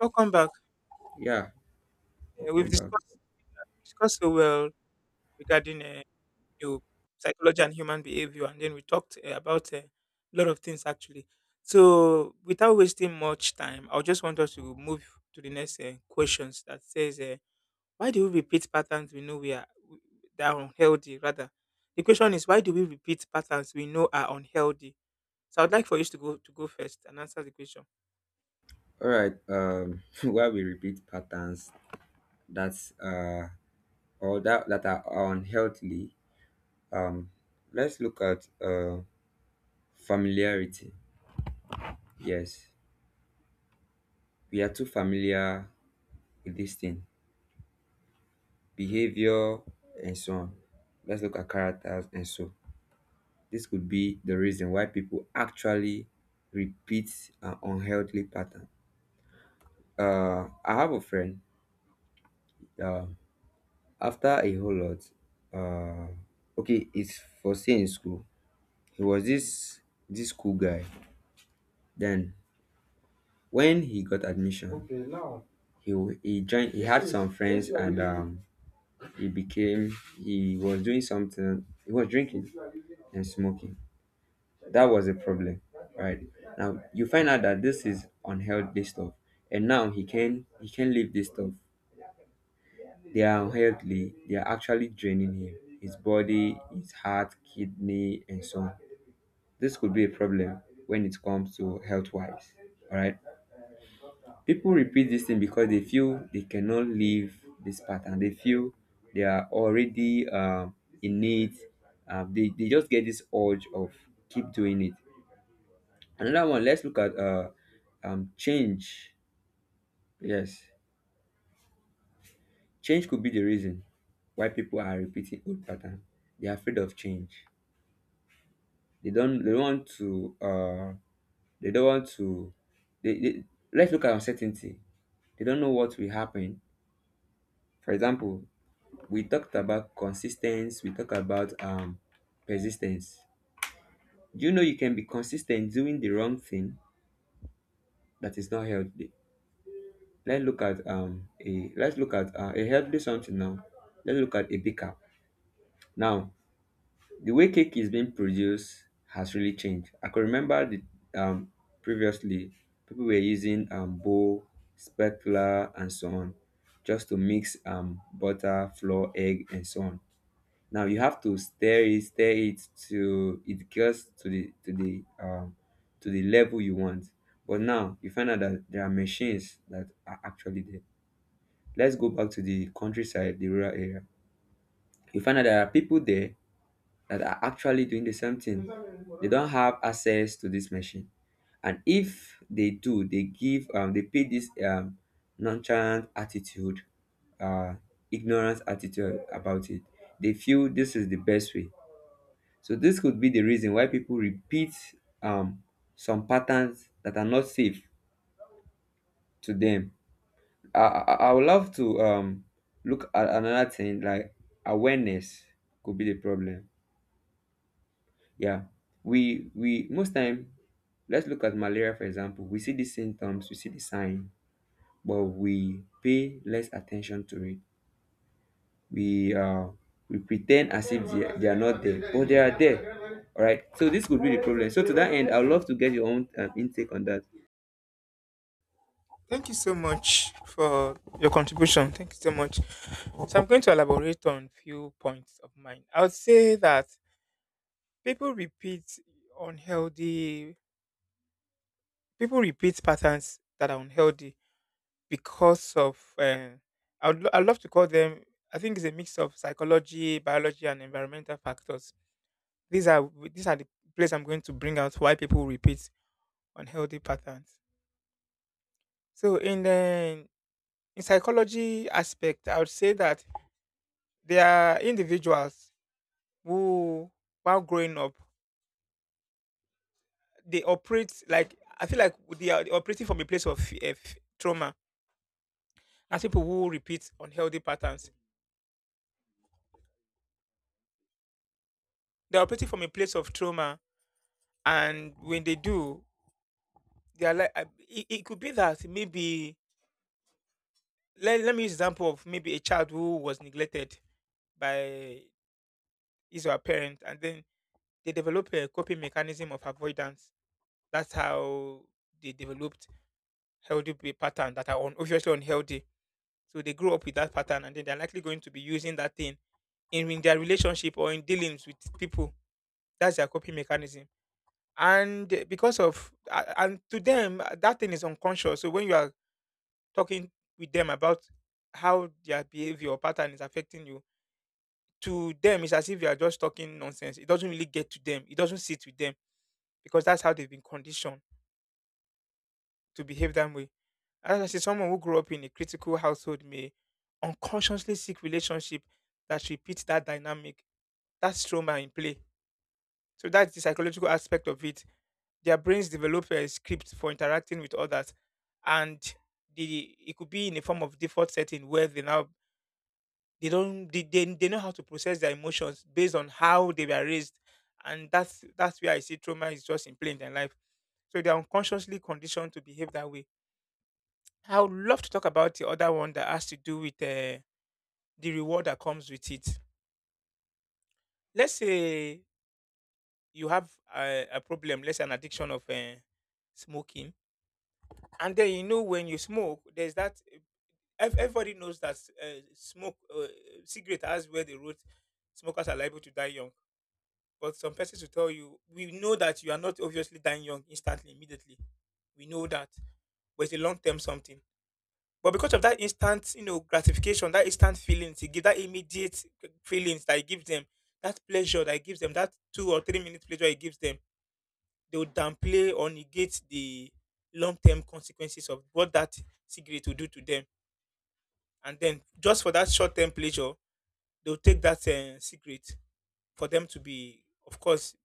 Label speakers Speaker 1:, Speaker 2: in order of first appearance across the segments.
Speaker 1: Welcome back.
Speaker 2: Yeah,
Speaker 1: We've
Speaker 2: welcome back.
Speaker 1: discussed so well regarding you know, psychology and human behavior, and then we talked about a lot of things actually. So, without wasting much time, I just want us to move to the next questions that says, "Why do we repeat patterns we know that are unhealthy?" Rather, the question is, "Why do we repeat patterns we know are unhealthy?" So, I'd like for you to go first and answer the question.
Speaker 2: All right. While we repeat patterns that's or that that are unhealthy, um, let's look at familiarity. Yes, we are too familiar with this thing, behavior and so on. Let's look at characters and so. This could be the reason why people actually repeat an unhealthy pattern. I have a friend. Uh, After a whole lot, uh, okay, it's for stay in school. He was this cool guy. Then when he got admission, okay, now he joined. He had some friends and he was doing something. He was drinking and smoking. That was a problem, right? Now you find out that this is unhealthy stuff, and now he can leave this stuff. They are unhealthy, they are actually draining him, his body, his heart, kidney, and so on. This could be a problem when it comes to health wise. Alright. People repeat this thing because they feel they cannot leave this pattern. They feel they are already in need. They just get this urge of keep doing it. Another one, let's look at change. Yes. Change could be the reason why people are repeating old pattern. They are afraid of change. They don't they don't want to uh they don't want to they let's look at uncertainty. They don't know what will happen. For example, we talked about consistency, we talked about persistence. Do you know you can be consistent doing the wrong thing that is not healthy? Let's look at a healthy something now. Let's look at a baker. Now the way cake is being produced has really changed. I can remember the um previously people were using bowl, spatula, and so on, just to mix butter, flour, egg, and so on. Now you have to stir it to it gets to the level you want. But now you find out that there are machines that are actually there. Let's go back to the countryside, the rural area. You find out there are people there that are actually doing the same thing. They don't have access to this machine, and if they do, they pay this nonchalant attitude, uh ignorance attitude about it. They feel this is the best way. So this could be the reason why people repeat um some patterns that are not safe to them. I would love to look at another thing like awareness could be the problem. Yeah, we most time, let's look at malaria, for example. We see the symptoms, we see the sign, but we pay less attention to it. we uh we pretend as if they are not there, but they are there. All right so this could be the problem. So to that end, I'd love to get your own intake on that.
Speaker 1: Thank you so much for your contribution. Thank you so much. So I'm going to elaborate on few points of mine. I would say that people repeat unhealthy people repeat patterns that are unhealthy because of I love to call them. I think it's a mix of psychology, biology, and environmental factors. These are the place I'm going to bring out why people repeat unhealthy patterns. So in psychology aspect, I would say that there are individuals who, while growing up, they operate like I feel like they are operating from a place of trauma. As people who repeat unhealthy patterns, they're operating from a place of trauma, and when they do, they are like it could be that maybe let me use example of maybe a child who was neglected by his or her parent, and then they develop a coping mechanism of avoidance. That's how they developed pattern that are obviously unhealthy. So they grow up with that pattern, and then they're likely going to be using that thing in their relationship or in dealings with people. That's their coping mechanism. And and to them, that thing is unconscious. So when you are talking with them about how their behavior or pattern is affecting you, to them, it's as if you are just talking nonsense. It doesn't really get to them, it doesn't sit with them because that's how they've been conditioned to behave that way. As I say, someone who grew up in a critical household may unconsciously seek relationship that repeats that dynamic. That's trauma in play. So that's the psychological aspect of it. Their brains develop a script for interacting with others, and the it could be in a form of default setting where they don't they know how to process their emotions based on how they were raised, and that's where I see trauma is just in plain their life. So they're unconsciously conditioned to behave that way. I would love to talk about the other one that has to do with the reward that comes with it. Let's say you have a problem, let's say an addiction of smoking, and then you know when you smoke there's that everybody knows that smoke cigarette has where they wrote smokers are liable to die young, but some persons will tell you we know that you are not obviously dying young instantly immediately. We know that, but it's a long term something. But because of that instant, you know, gratification, that instant feelings it give, that immediate feelings that it gives them, that pleasure that it gives them, that 2 or 3 minute pleasure it gives them, they will downplay or negate the long term consequences of what that cigarette will do to them, and then just for that short term pleasure, they'll take that secret for them to be, of course,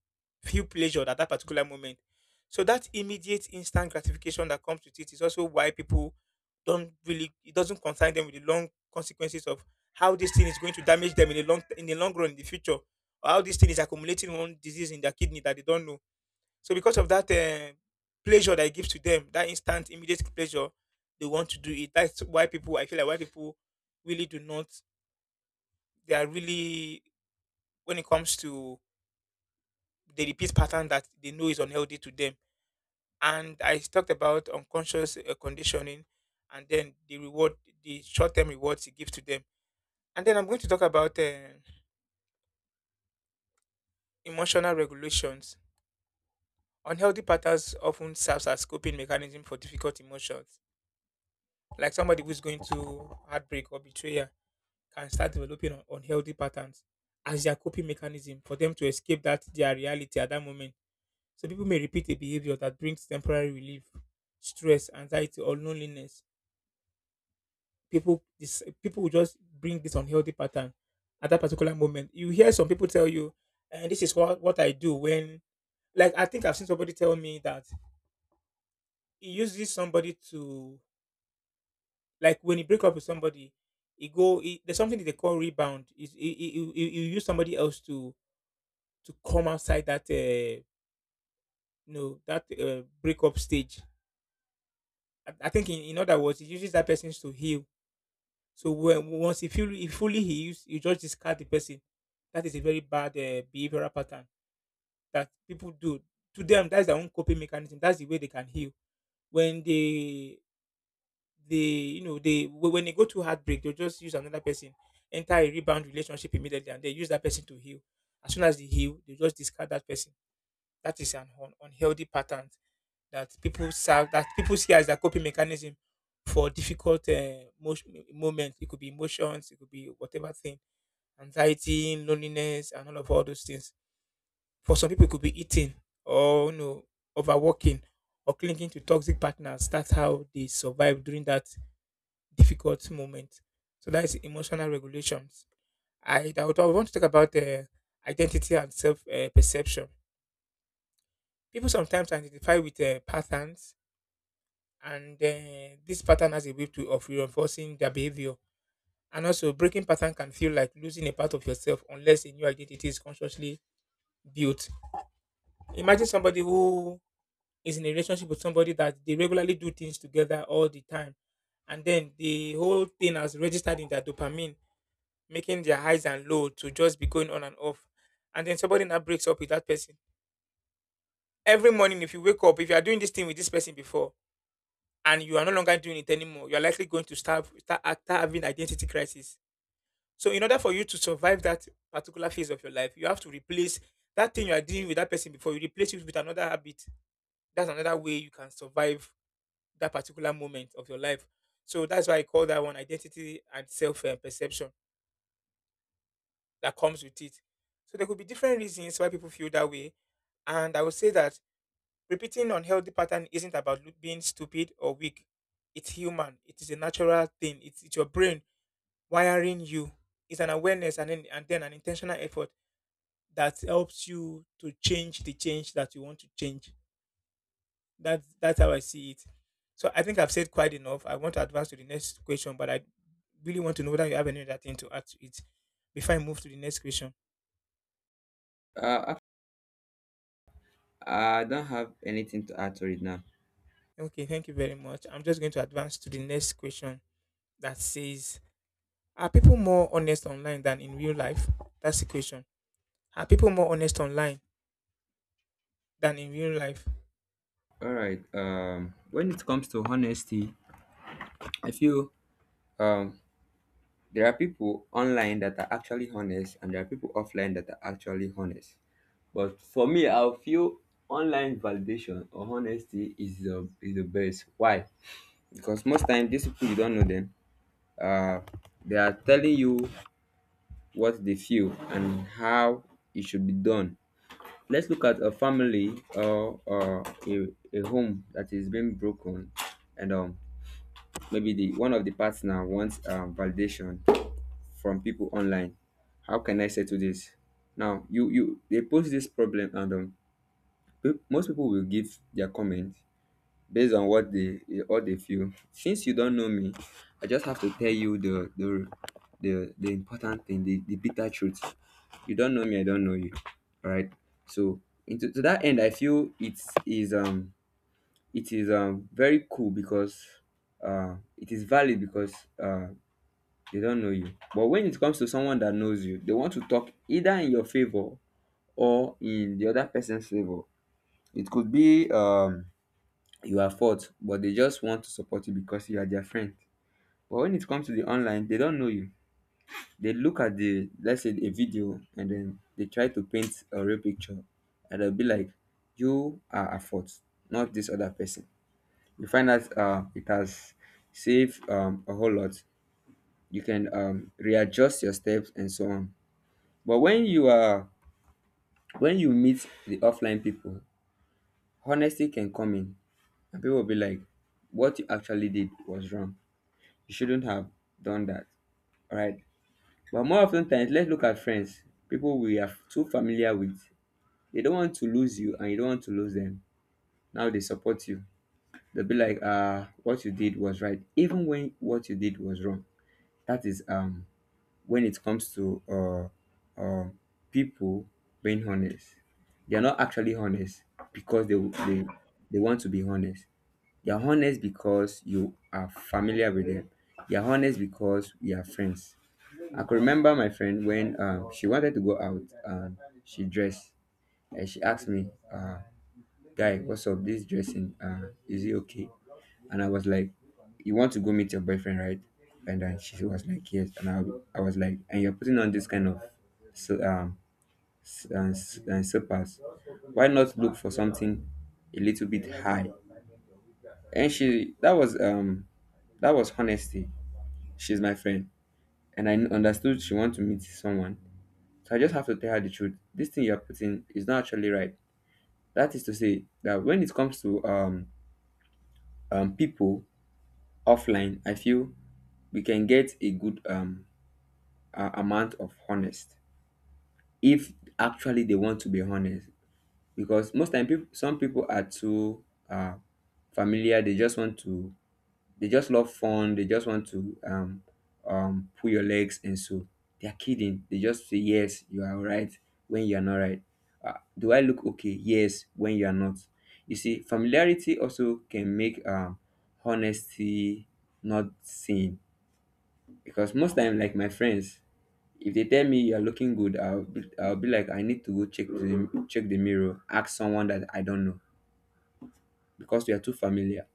Speaker 1: feel pleasure at that particular moment. So that immediate instant gratification that comes with it is also why people don't really it doesn't concern them with the long consequences of how this thing is going to damage them in the long run in the future, or how this thing is accumulating one disease in their kidney that they don't know. So because of that pleasure that it gives to them, that instant immediate pleasure, they want to do it. That's why people I feel like why people really do not, they are really, when it comes to the repeat pattern that they know is unhealthy to them. And I talked about unconscious conditioning and then the reward, the short term rewards it gives to them. And then I'm going to talk about emotional regulations. Unhealthy patterns often serves as coping mechanism for difficult emotions, like somebody who's going to heartbreak or betrayal can start developing unhealthy patterns as their coping mechanism for them to escape that their reality at that moment. So people may repeat a behavior that brings temporary relief, stress, anxiety, or loneliness. People will just bring this unhealthy pattern at that particular moment. You hear some people tell you, and this is what I do when, like, I think I've seen somebody tell me that he uses somebody to like when you break up with somebody, there's something that they call rebound. Is you, you use somebody else to come outside that that breakup stage. I think in other words, it uses that person to heal. So when once he fully heals, you just discard the person. That is a very bad behavioral pattern that people do. To them, that's their own coping mechanism. That's the way they can heal. When they you know, when they go through heartbreak, they'll just use another person, enter a rebound relationship immediately, and they use that person to heal. As soon as they heal, they just discard that person. That is an unhealthy pattern that people serve that people see as their coping mechanism for difficult moments. It could be emotions, it could be whatever thing, anxiety, loneliness, and all those things. For some people, it could be eating, or, you know, overworking, or clinging to toxic partners. That's how they survive during that difficult moment. So that is emotional regulations. I would want to talk about identity and self perception. People sometimes identify with patterns, and this pattern has a way of reinforcing their behavior. And also, breaking pattern can feel like losing a part of yourself unless a new identity is consciously built. Imagine somebody who is in a relationship with somebody that they regularly do things together all the time, and then the whole thing has registered in their dopamine, making their highs and low to just be going on and off. And then somebody now breaks up with that person. Every morning, if you wake up, if you are doing this thing with this person before, and you are no longer doing it anymore, you are likely going to start having identity crisis. So, in order for you to survive that particular phase of your life, you have to replace that thing you are doing with that person before. You replace it with another habit. That's another way you can survive that particular moment of your life. So that's why I call that one identity and self perception that comes with it. So there could be different reasons why people feel that way. And I would say that repeating unhealthy pattern isn't about being stupid or weak. It's human. It is a natural thing. It's your brain wiring you. It's an awareness and then an intentional effort that helps you to change the change that you want to change. That's how I see it. So I think I've said quite enough. I want to advance to the next question, but I really want to know whether you have any other thing to add to it before I move to the next question.
Speaker 2: uh I don't have anything to add to it now.
Speaker 1: Okay, thank you very much. I'm just going to advance to the next question that says, "Are people more honest online than in real life?" That's the question. Are people more honest online than in real life?
Speaker 2: All right When it comes to honesty, I feel um there are people online that are actually honest, and there are people offline that are actually honest. But for me, I feel online validation or honesty is the best. Why? Because most times these people you don't know them. Uh, they are telling you what they feel and how it should be done. Let's look at a family or a, a home that is being broken, and maybe the one of the partner wants validation from people online. How can I settle this? Now you they post this problem, and most people will give their comment based on what they, what they feel. Since you don't know me, I just have to tell you the important thing, the bitter truth. You don't know me, I don't know you. Alright. So into to that end, I feel it is very cool because it is valid because uh they don't know you. But when it comes to someone that knows you, they want to talk either in your favor or in the other person's favor. It could be you are fault, but they just want to support you because you are their friend. But when it comes to the online, they don't know you. They look at the, let's say, a video, and then they try to paint a real picture, and they'll be like, "You are at fault, not this other person." You find that it has saved a whole lot. You can readjust your steps and so on. But when you meet the offline people, honesty can come in, and people will be like, what you actually did was wrong. You shouldn't have done that. Alright. But more often times, let's look at friends, people we are too familiar with. They don't want to lose you, and you don't want to lose them. Now they support you. They'll be like, what you did was right, even when what you did was wrong. That is when it comes to um, people being honest. They're not actually honest because they want to be honest. They're honest because you are familiar with them. They're honest because we are friends. I could remember my friend when, she wanted to go out, and she dressed, and she asked me, guy, what's up? This dressing, is it okay? And I was like, you want to go meet your boyfriend, right? And then she was like, yes. And I was like, and you're putting on this kind of, so, slippers. Why not look for something a little bit high? And that was honesty. She's my friend, and I understood she want to meet someone. So I just have to tell her the truth. This thing you're putting is not actually right. That is to say that when it comes to people offline, I feel we can get a good amount of honest if actually they want to be honest, because most time people some people are too uh familiar. They just love fun. They just want to pull your legs and so. They're kidding. They just say yes you are right when you are not right. Do I look okay? Yes, when you are not. You see familiarity also can make honesty not seen, because most time, like my friends, if they tell me you're looking good, I'll be like I need to check the mirror, ask someone that I don't know, because we are too familiar.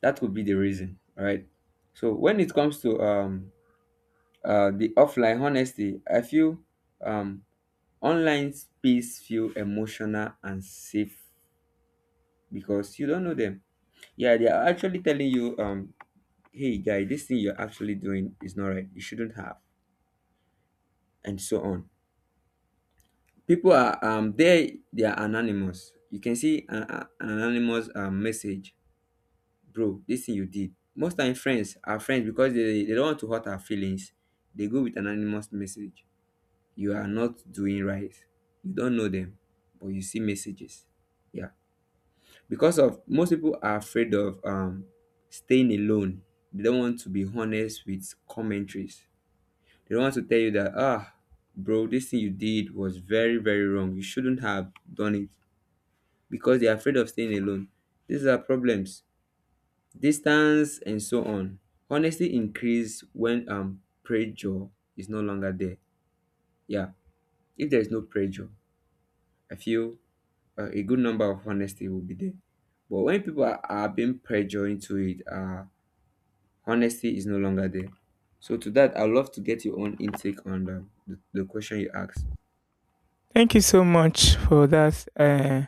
Speaker 2: That would be the reason, right? So when it comes to the offline honesty, I feel um online space feel emotional and safe because you don't know them. Yeah, they are actually telling you, hey guy, this thing you're actually doing is not right, you shouldn't have, and so on. People are there they are anonymous. You can see an anonymous message. Bro, this thing you did, most time friends are friends because they don't want to hurt our feelings. They go with anonymous message, you are not doing right. You don't know them, but you see messages. Yeah, because of most people are afraid of staying alone. They don't want to be honest with commentaries. They don't want to tell you that ah, bro, this thing you did was very very wrong, you shouldn't have done it, because they are afraid of staying alone. These are problems. Distance and so on. Honesty increase when pressure is no longer there. Yeah, if there is no pressure, I feel a good number of honesty will be there. But when people are being pressured into it, honesty is no longer there. So to that, I'd love to get your own intake on the question you asked.
Speaker 1: Thank you so much for that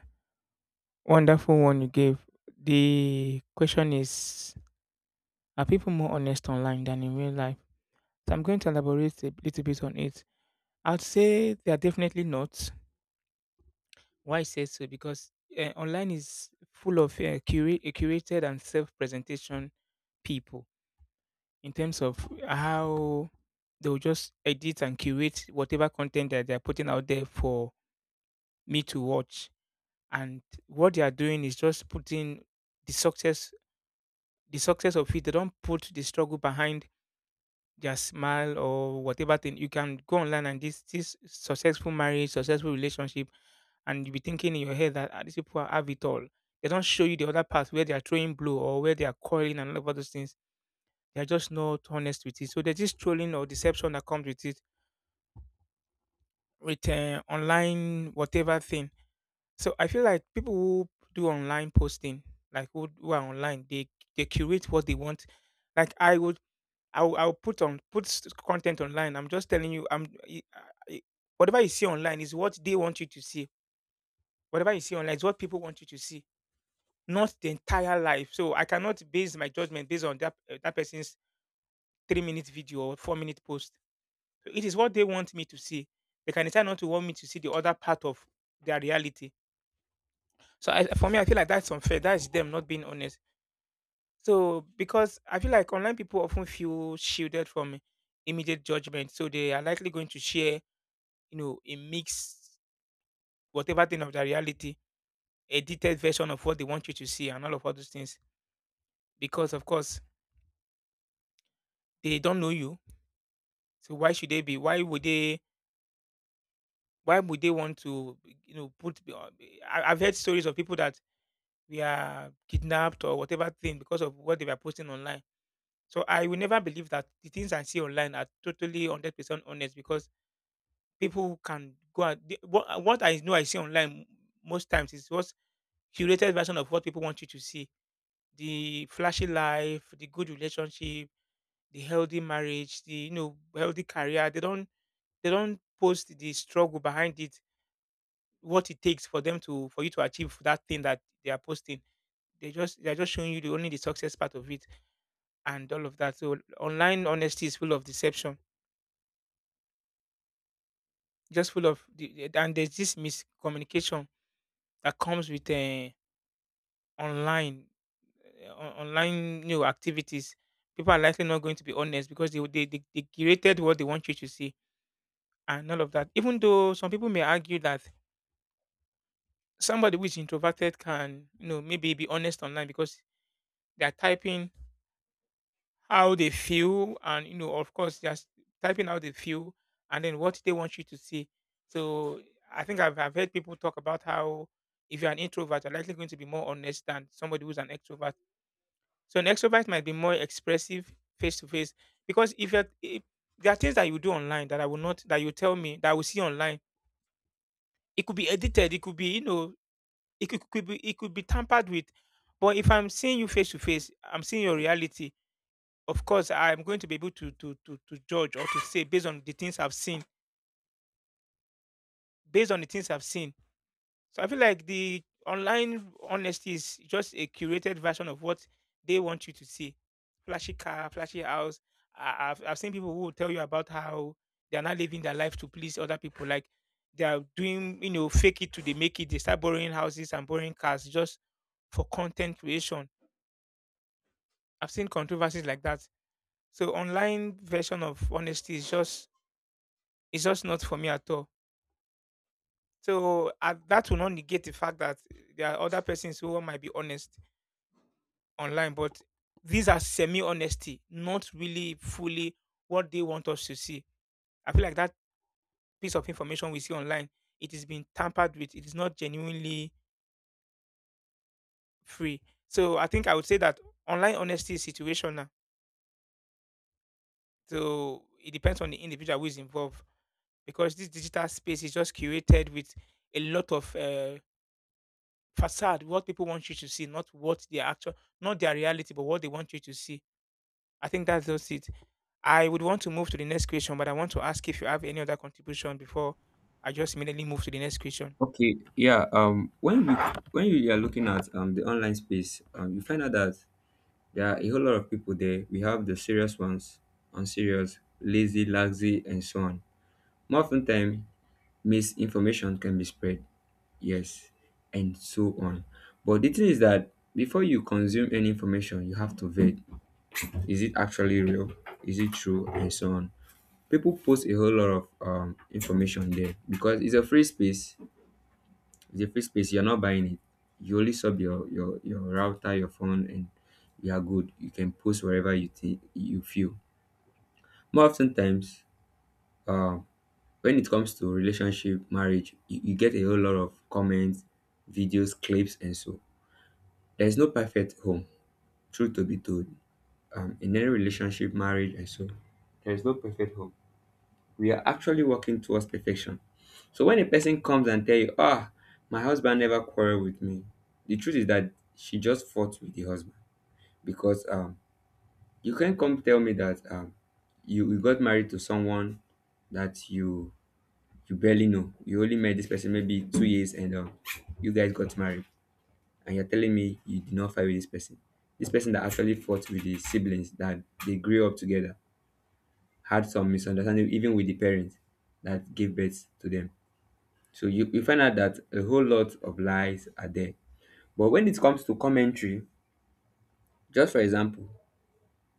Speaker 1: wonderful one you gave. The question is, are people more honest online than in real life? So I'm going to elaborate a little bit on it. I'd say they are definitely not. Why I say so? Because online is full of curated and self presentation, people, in terms of how they'll just edit and curate whatever content that they're putting out there for me to watch. And what they are doing is just putting the the success of it. They don't put the struggle behind their smile or whatever thing. You can go online and this successful marriage, successful relationship, and you'll be thinking in your head that "Ah, these people have it all. They don't show you the other path where they are throwing blow or where they are calling and all of those things. They're just not honest with it. So there's this trolling or deception that comes with it, with online whatever thing. So I feel like people who do online posting, like who are online, they curate what they want. Like I will put on put s- content online. I'm just telling you, I- whatever you see online is what they want you to see. Whatever you see online is what people want you to see, not the entire life. So I cannot base my judgment based on that person's 3-minute video or 4-minute post. So it is what they want me to see. They can decide not to want me to see the other part of their reality. So for me, I feel like that's unfair. That's them not being honest. So because I feel like online people often feel shielded from immediate judgment, so they are likely going to share, a mix, whatever thing of their reality, edited version of what they want you to see, and all of all those things. Because of course they don't know you, so why should they be? Why would they? Why would they want to, put? I've heard stories of people that we are kidnapped or whatever thing because of what they were posting online. So I will never believe that the things I see online are totally 100% honest because people can go and what I know I see online most times is what's curated version of what people want you to see. The flashy life, the good relationship, the healthy marriage, the healthy career. They don't post the struggle behind it, what it takes for them to for you to achieve that thing that they are posting. They are just showing you the success part of it and all of that. So online honesty is full of deception, just full of the, and there's this miscommunication that comes with online online new activities. People are likely not going to be honest because they curated what they want you to see and all of that. Even though some people may argue that somebody who is introverted can maybe be honest online because they are typing how they feel and of course just typing how they feel and then what they want you to see. So I think I've heard people talk about how if you're an introvert you're likely going to be more honest than somebody who's an extrovert. So an extrovert might be more expressive face to face, because if you're if, there are things that you do online, that I will not that you tell me that I will see online. It could be edited, it could be you know it could be it could be tampered with. But if I'm seeing you face to face, I'm seeing your reality. Of course I'm going to be able to judge or to say based on the things I've seen based on the things i've seen so I feel like the online honesty is just a curated version of what they want you to see. Flashy car, flashy house. I've seen people who will tell you about how they're not living their life to please other people, like they are doing, fake it to they make it, they start borrowing houses and borrowing cars just for content creation. I've seen controversies like that. So online version of honesty is just it's just not for me at all. So that will not negate the fact that there are other persons who might be honest online, but these are semi honesty, not really fully what they want us to see. I feel like that piece of information we see online, it is being tampered with. It is not genuinely free. So I think I would say that online honesty is situational. So it depends on the individual who is involved, because this digital space is just curated with a lot of facade, what people want you to see, not what their actual, not their reality, but what they want you to see. I think that's just it. I would want to move to the next question, but I want to ask if you have any other contribution before I just immediately move to the next question.
Speaker 2: Okay, yeah. When you are looking at the online space, you find out that there are a whole lot of people there. We have the serious ones, unserious, lazy, and so on. More often time, misinformation can be spread, yes, and so on. But the thing is that before you consume any information, you have to vet. Is it actually real? Is it true? And so on. People post a whole lot of information there because it's a free space. It's a free space. You're not buying it. You only sub your your router, your phone, and you are good. You can post wherever you think you feel. More often times, um, when it comes to relationship, marriage, you get a whole lot of comments, videos, clips, and so. There's no perfect home, truth to be told. In any relationship, marriage, and so, there is no perfect home. We are actually working towards perfection. So when a person comes and tell you, ah, my husband never quarreled with me, the truth is that she just fought with the husband because you can't come tell me that you got married to someone that you barely know. You only met this person maybe 2 years and you guys got married. And you're telling me you did not fight with this person. This person that actually fought with the siblings that they grew up together had some misunderstanding, even with the parents that gave birth to them. So you find out that a whole lot of lies are there. But when it comes to commentary, just for example,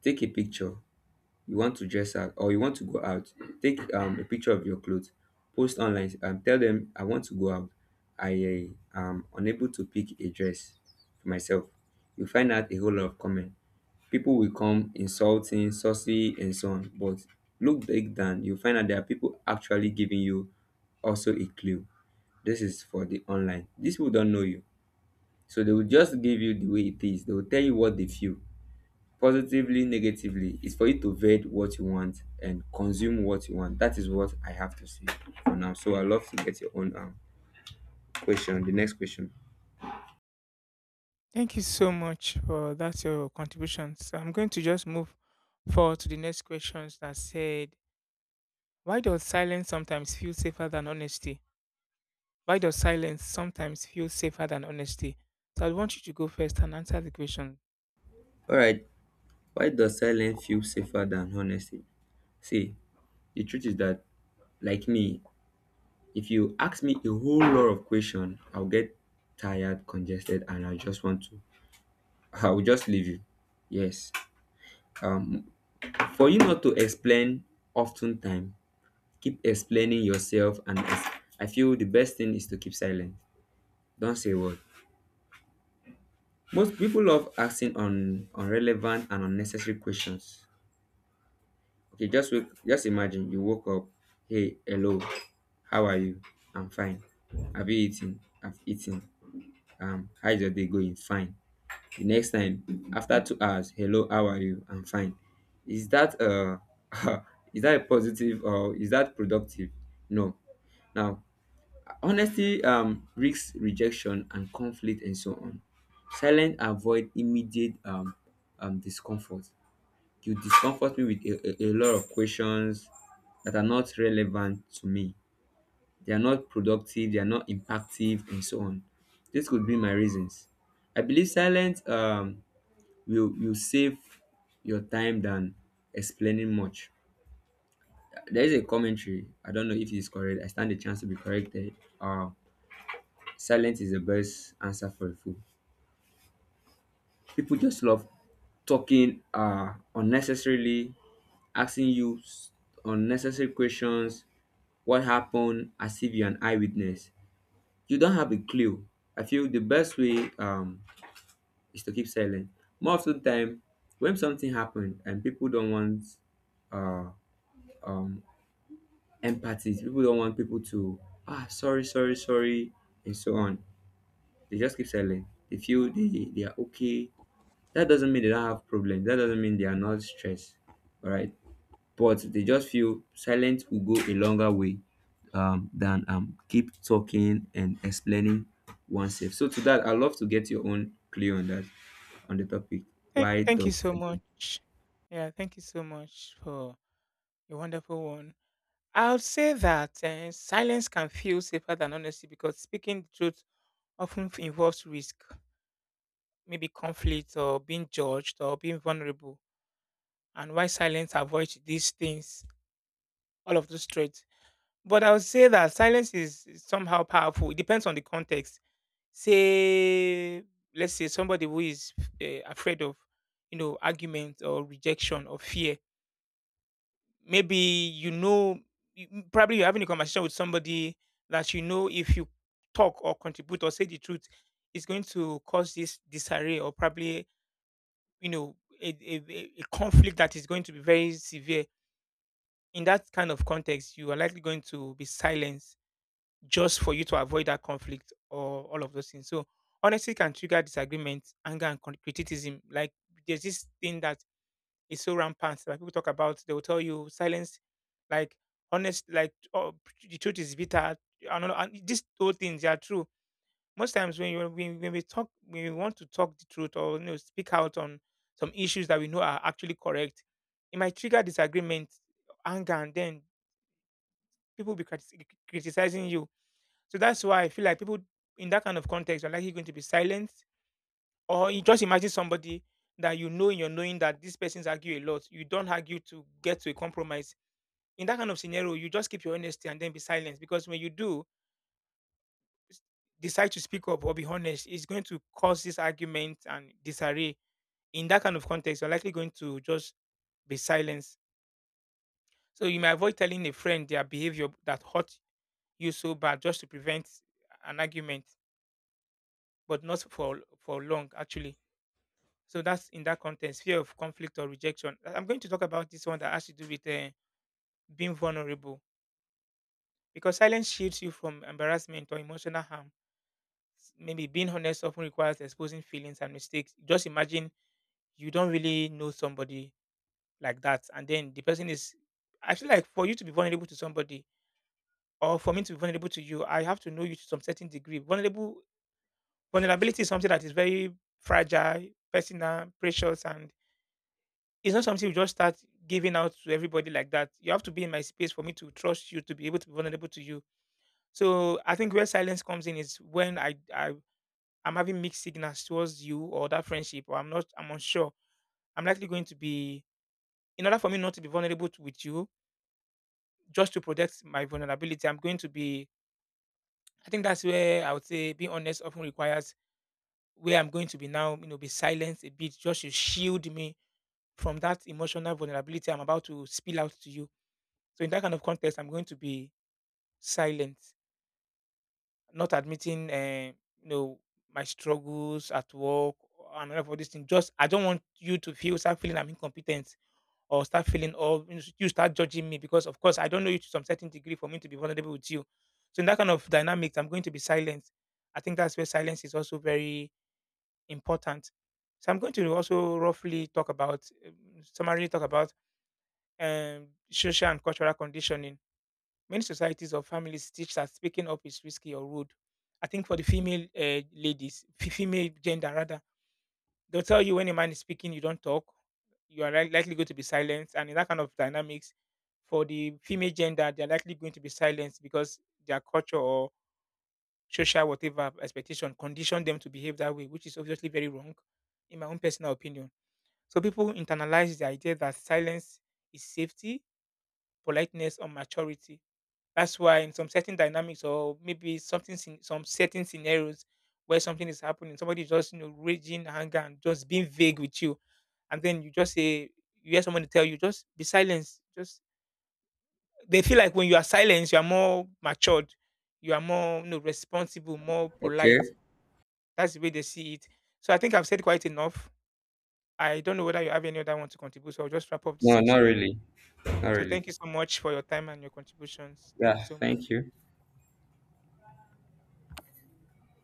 Speaker 2: take a picture, you want to dress out or you want to go out, take a picture of your clothes, post online and tell them, I want to go out. I am unable to pick a dress for myself. You find out a whole lot of comment. People will come insulting saucy and so on, but look back down, you find out there are people actually giving you also a clue. This is for the online. These people don't know you, so they will just give you the way it is. They will tell you what they feel positively, negatively. Is for you to vet what you want and consume what you want. That is what I have to say for now. So I love to get your own question, the next question.
Speaker 1: Thank you so much for that's your contributions. I'm going to just move forward to the next questions that said, why does silence sometimes feel safer than honesty? Why does silence sometimes feel safer than honesty? So I want you to go first and answer the question.
Speaker 2: All right, why does silence feel safer than honesty? See, the truth is that, like me, if you ask me a whole lot of question, I'll get tired, congested, and I just want to I'll just leave you. Yes. um for you not to explain often time. Keep explaining yourself and ex- I feel the best thing is to keep silent. Don't say a word. Most people love asking on irrelevant and unnecessary questions. Okay, just imagine you woke up. Hey, hello, how are you? I'm fine. Have you eaten? I've eaten. How's your day going? Fine. The next time, after 2 hours, hello, how are you? I'm fine. Is that is that a positive or is that productive? No. Now, honestly risk rejection and conflict and so on. Silence avoid immediate discomfort. You discomfort me with a lot of questions that are not relevant to me. They are not productive, they are not impactive and so on. This could be my reasons. I believe silence will save your time than explaining much. There is a commentary. I don't know if it's correct. I stand a chance to be corrected. Silence is the best answer for a fool. People just love talking unnecessarily, asking you s- unnecessary questions, what happened, as if you're an eyewitness. You don't have a clue. I feel the best way is to keep silent. More of the time, when something happened and people don't want uh um empathy, people don't want people to ah, sorry, sorry, sorry, and so on. They just keep silent. They feel they are okay. That doesn't mean they don't have problems. That doesn't mean they are not stressed. All right. But they just feel silence will go a longer way than keep talking and explaining oneself. So to that, I'd love to get your own clue on that, on the topic.
Speaker 1: Thank,
Speaker 2: Why
Speaker 1: thank you
Speaker 2: does
Speaker 1: so
Speaker 2: silence?
Speaker 1: much. Yeah, thank you so much for a wonderful one. I'll say that silence can feel safer than honesty because speaking the truth often involves risk, maybe conflict or being judged or being vulnerable. And why silence avoids these things, all of those threats. But I would say that silence is somehow powerful. It depends on the context. Say, let's say somebody who is afraid of, argument or rejection or fear. Maybe probably you're having a conversation with somebody that if you talk or contribute or say the truth, it's going to cause this disarray, or probably, you know, a conflict that is going to be very severe. In that kind of context, you are likely going to be silenced just for you to avoid that conflict or all of those things. So honesty can trigger disagreement, anger, and criticism. Like there's this thing that is so rampant that people talk about. They will tell you silence, like honest, like, oh, the truth is bitter. I don't know. And these two things, they are true. Most times when you, when we talk, when we want to talk the truth or speak out on some issues that we know are actually correct, it might trigger disagreement, anger, and then people will be criticizing you. So that's why I feel like people in that kind of context are likely going to be silent. Or you just imagine somebody that you know in your knowing that these persons argue a lot. You don't argue to get to a compromise. In that kind of scenario, you just keep your honesty and then be silent. Because when you do s- decide to speak up or be honest, it's going to cause this argument and disarray. In that kind of context, you're likely going to just be silent. So you may avoid telling a friend their behavior that hurt you so bad just to prevent an argument, but not for long actually. So that's in that context, fear of conflict or rejection. I'm going to talk about this one that has to do with being vulnerable, because silence shields you from embarrassment or emotional harm. Maybe being honest often requires exposing feelings and mistakes. Just imagine you don't really know somebody like that, and then the person is. I feel like for you to be vulnerable to somebody, or for me to be vulnerable to you, I have to know you to some certain degree. Vulnerable vulnerability is something that is very fragile, personal, precious, and it's not something you just start giving out to everybody like that. You have to be in my space for me to trust you, to be able to be vulnerable to you. So I think where silence comes in is when I'm having mixed signals towards you or that friendship, or I'm not, I'm unsure. I'm likely going to be, in order for me not to be vulnerable to, with you, just to protect my vulnerability, I'm going to be, I think that's where I would say being honest often requires, where I'm going to be now, be silent a bit, just to shield me from that emotional vulnerability I'm about to spill out to you. So in that kind of context, I'm going to be silent, not admitting, you know, my struggles at work and all of all these things. Just I don't want you to feel start feeling I'm incompetent or start feeling, or you start judging me, because of course I don't know you to some certain degree for me to be vulnerable with you. So in that kind of dynamics, I'm going to be silent. I think that's where silence is also very important. So I'm going to also summarily talk about um, social and cultural conditioning. Many societies or families teach that speaking up is risky or rude. I think for the female gender rather, they'll tell you when a man is speaking, you don't talk. You are likely going to be silenced, and in that kind of dynamics, for the female gender, they're likely going to be silenced because their culture or social whatever expectation condition them to behave that way, which is obviously very wrong, in my own personal opinion. So people internalize the idea that silence is safety, politeness, or maturity. That's why in some certain dynamics, or maybe some certain scenarios where something is happening, somebody is just raging anger and just being vague with you, and then you just say you hear someone tell you just be silent. Just they feel like when you are silent, you are more matured, you are more, responsible, more polite.
Speaker 2: Okay.
Speaker 1: That's the way they see it. So I think I've said quite enough. I don't know whether you have any other one to contribute, so I'll just wrap up this
Speaker 2: No, not
Speaker 1: section.
Speaker 2: really. Not
Speaker 1: So thank
Speaker 2: really.
Speaker 1: you so much for your time and your contributions. Thank you
Speaker 2: Yeah,
Speaker 1: so much.
Speaker 2: thank you.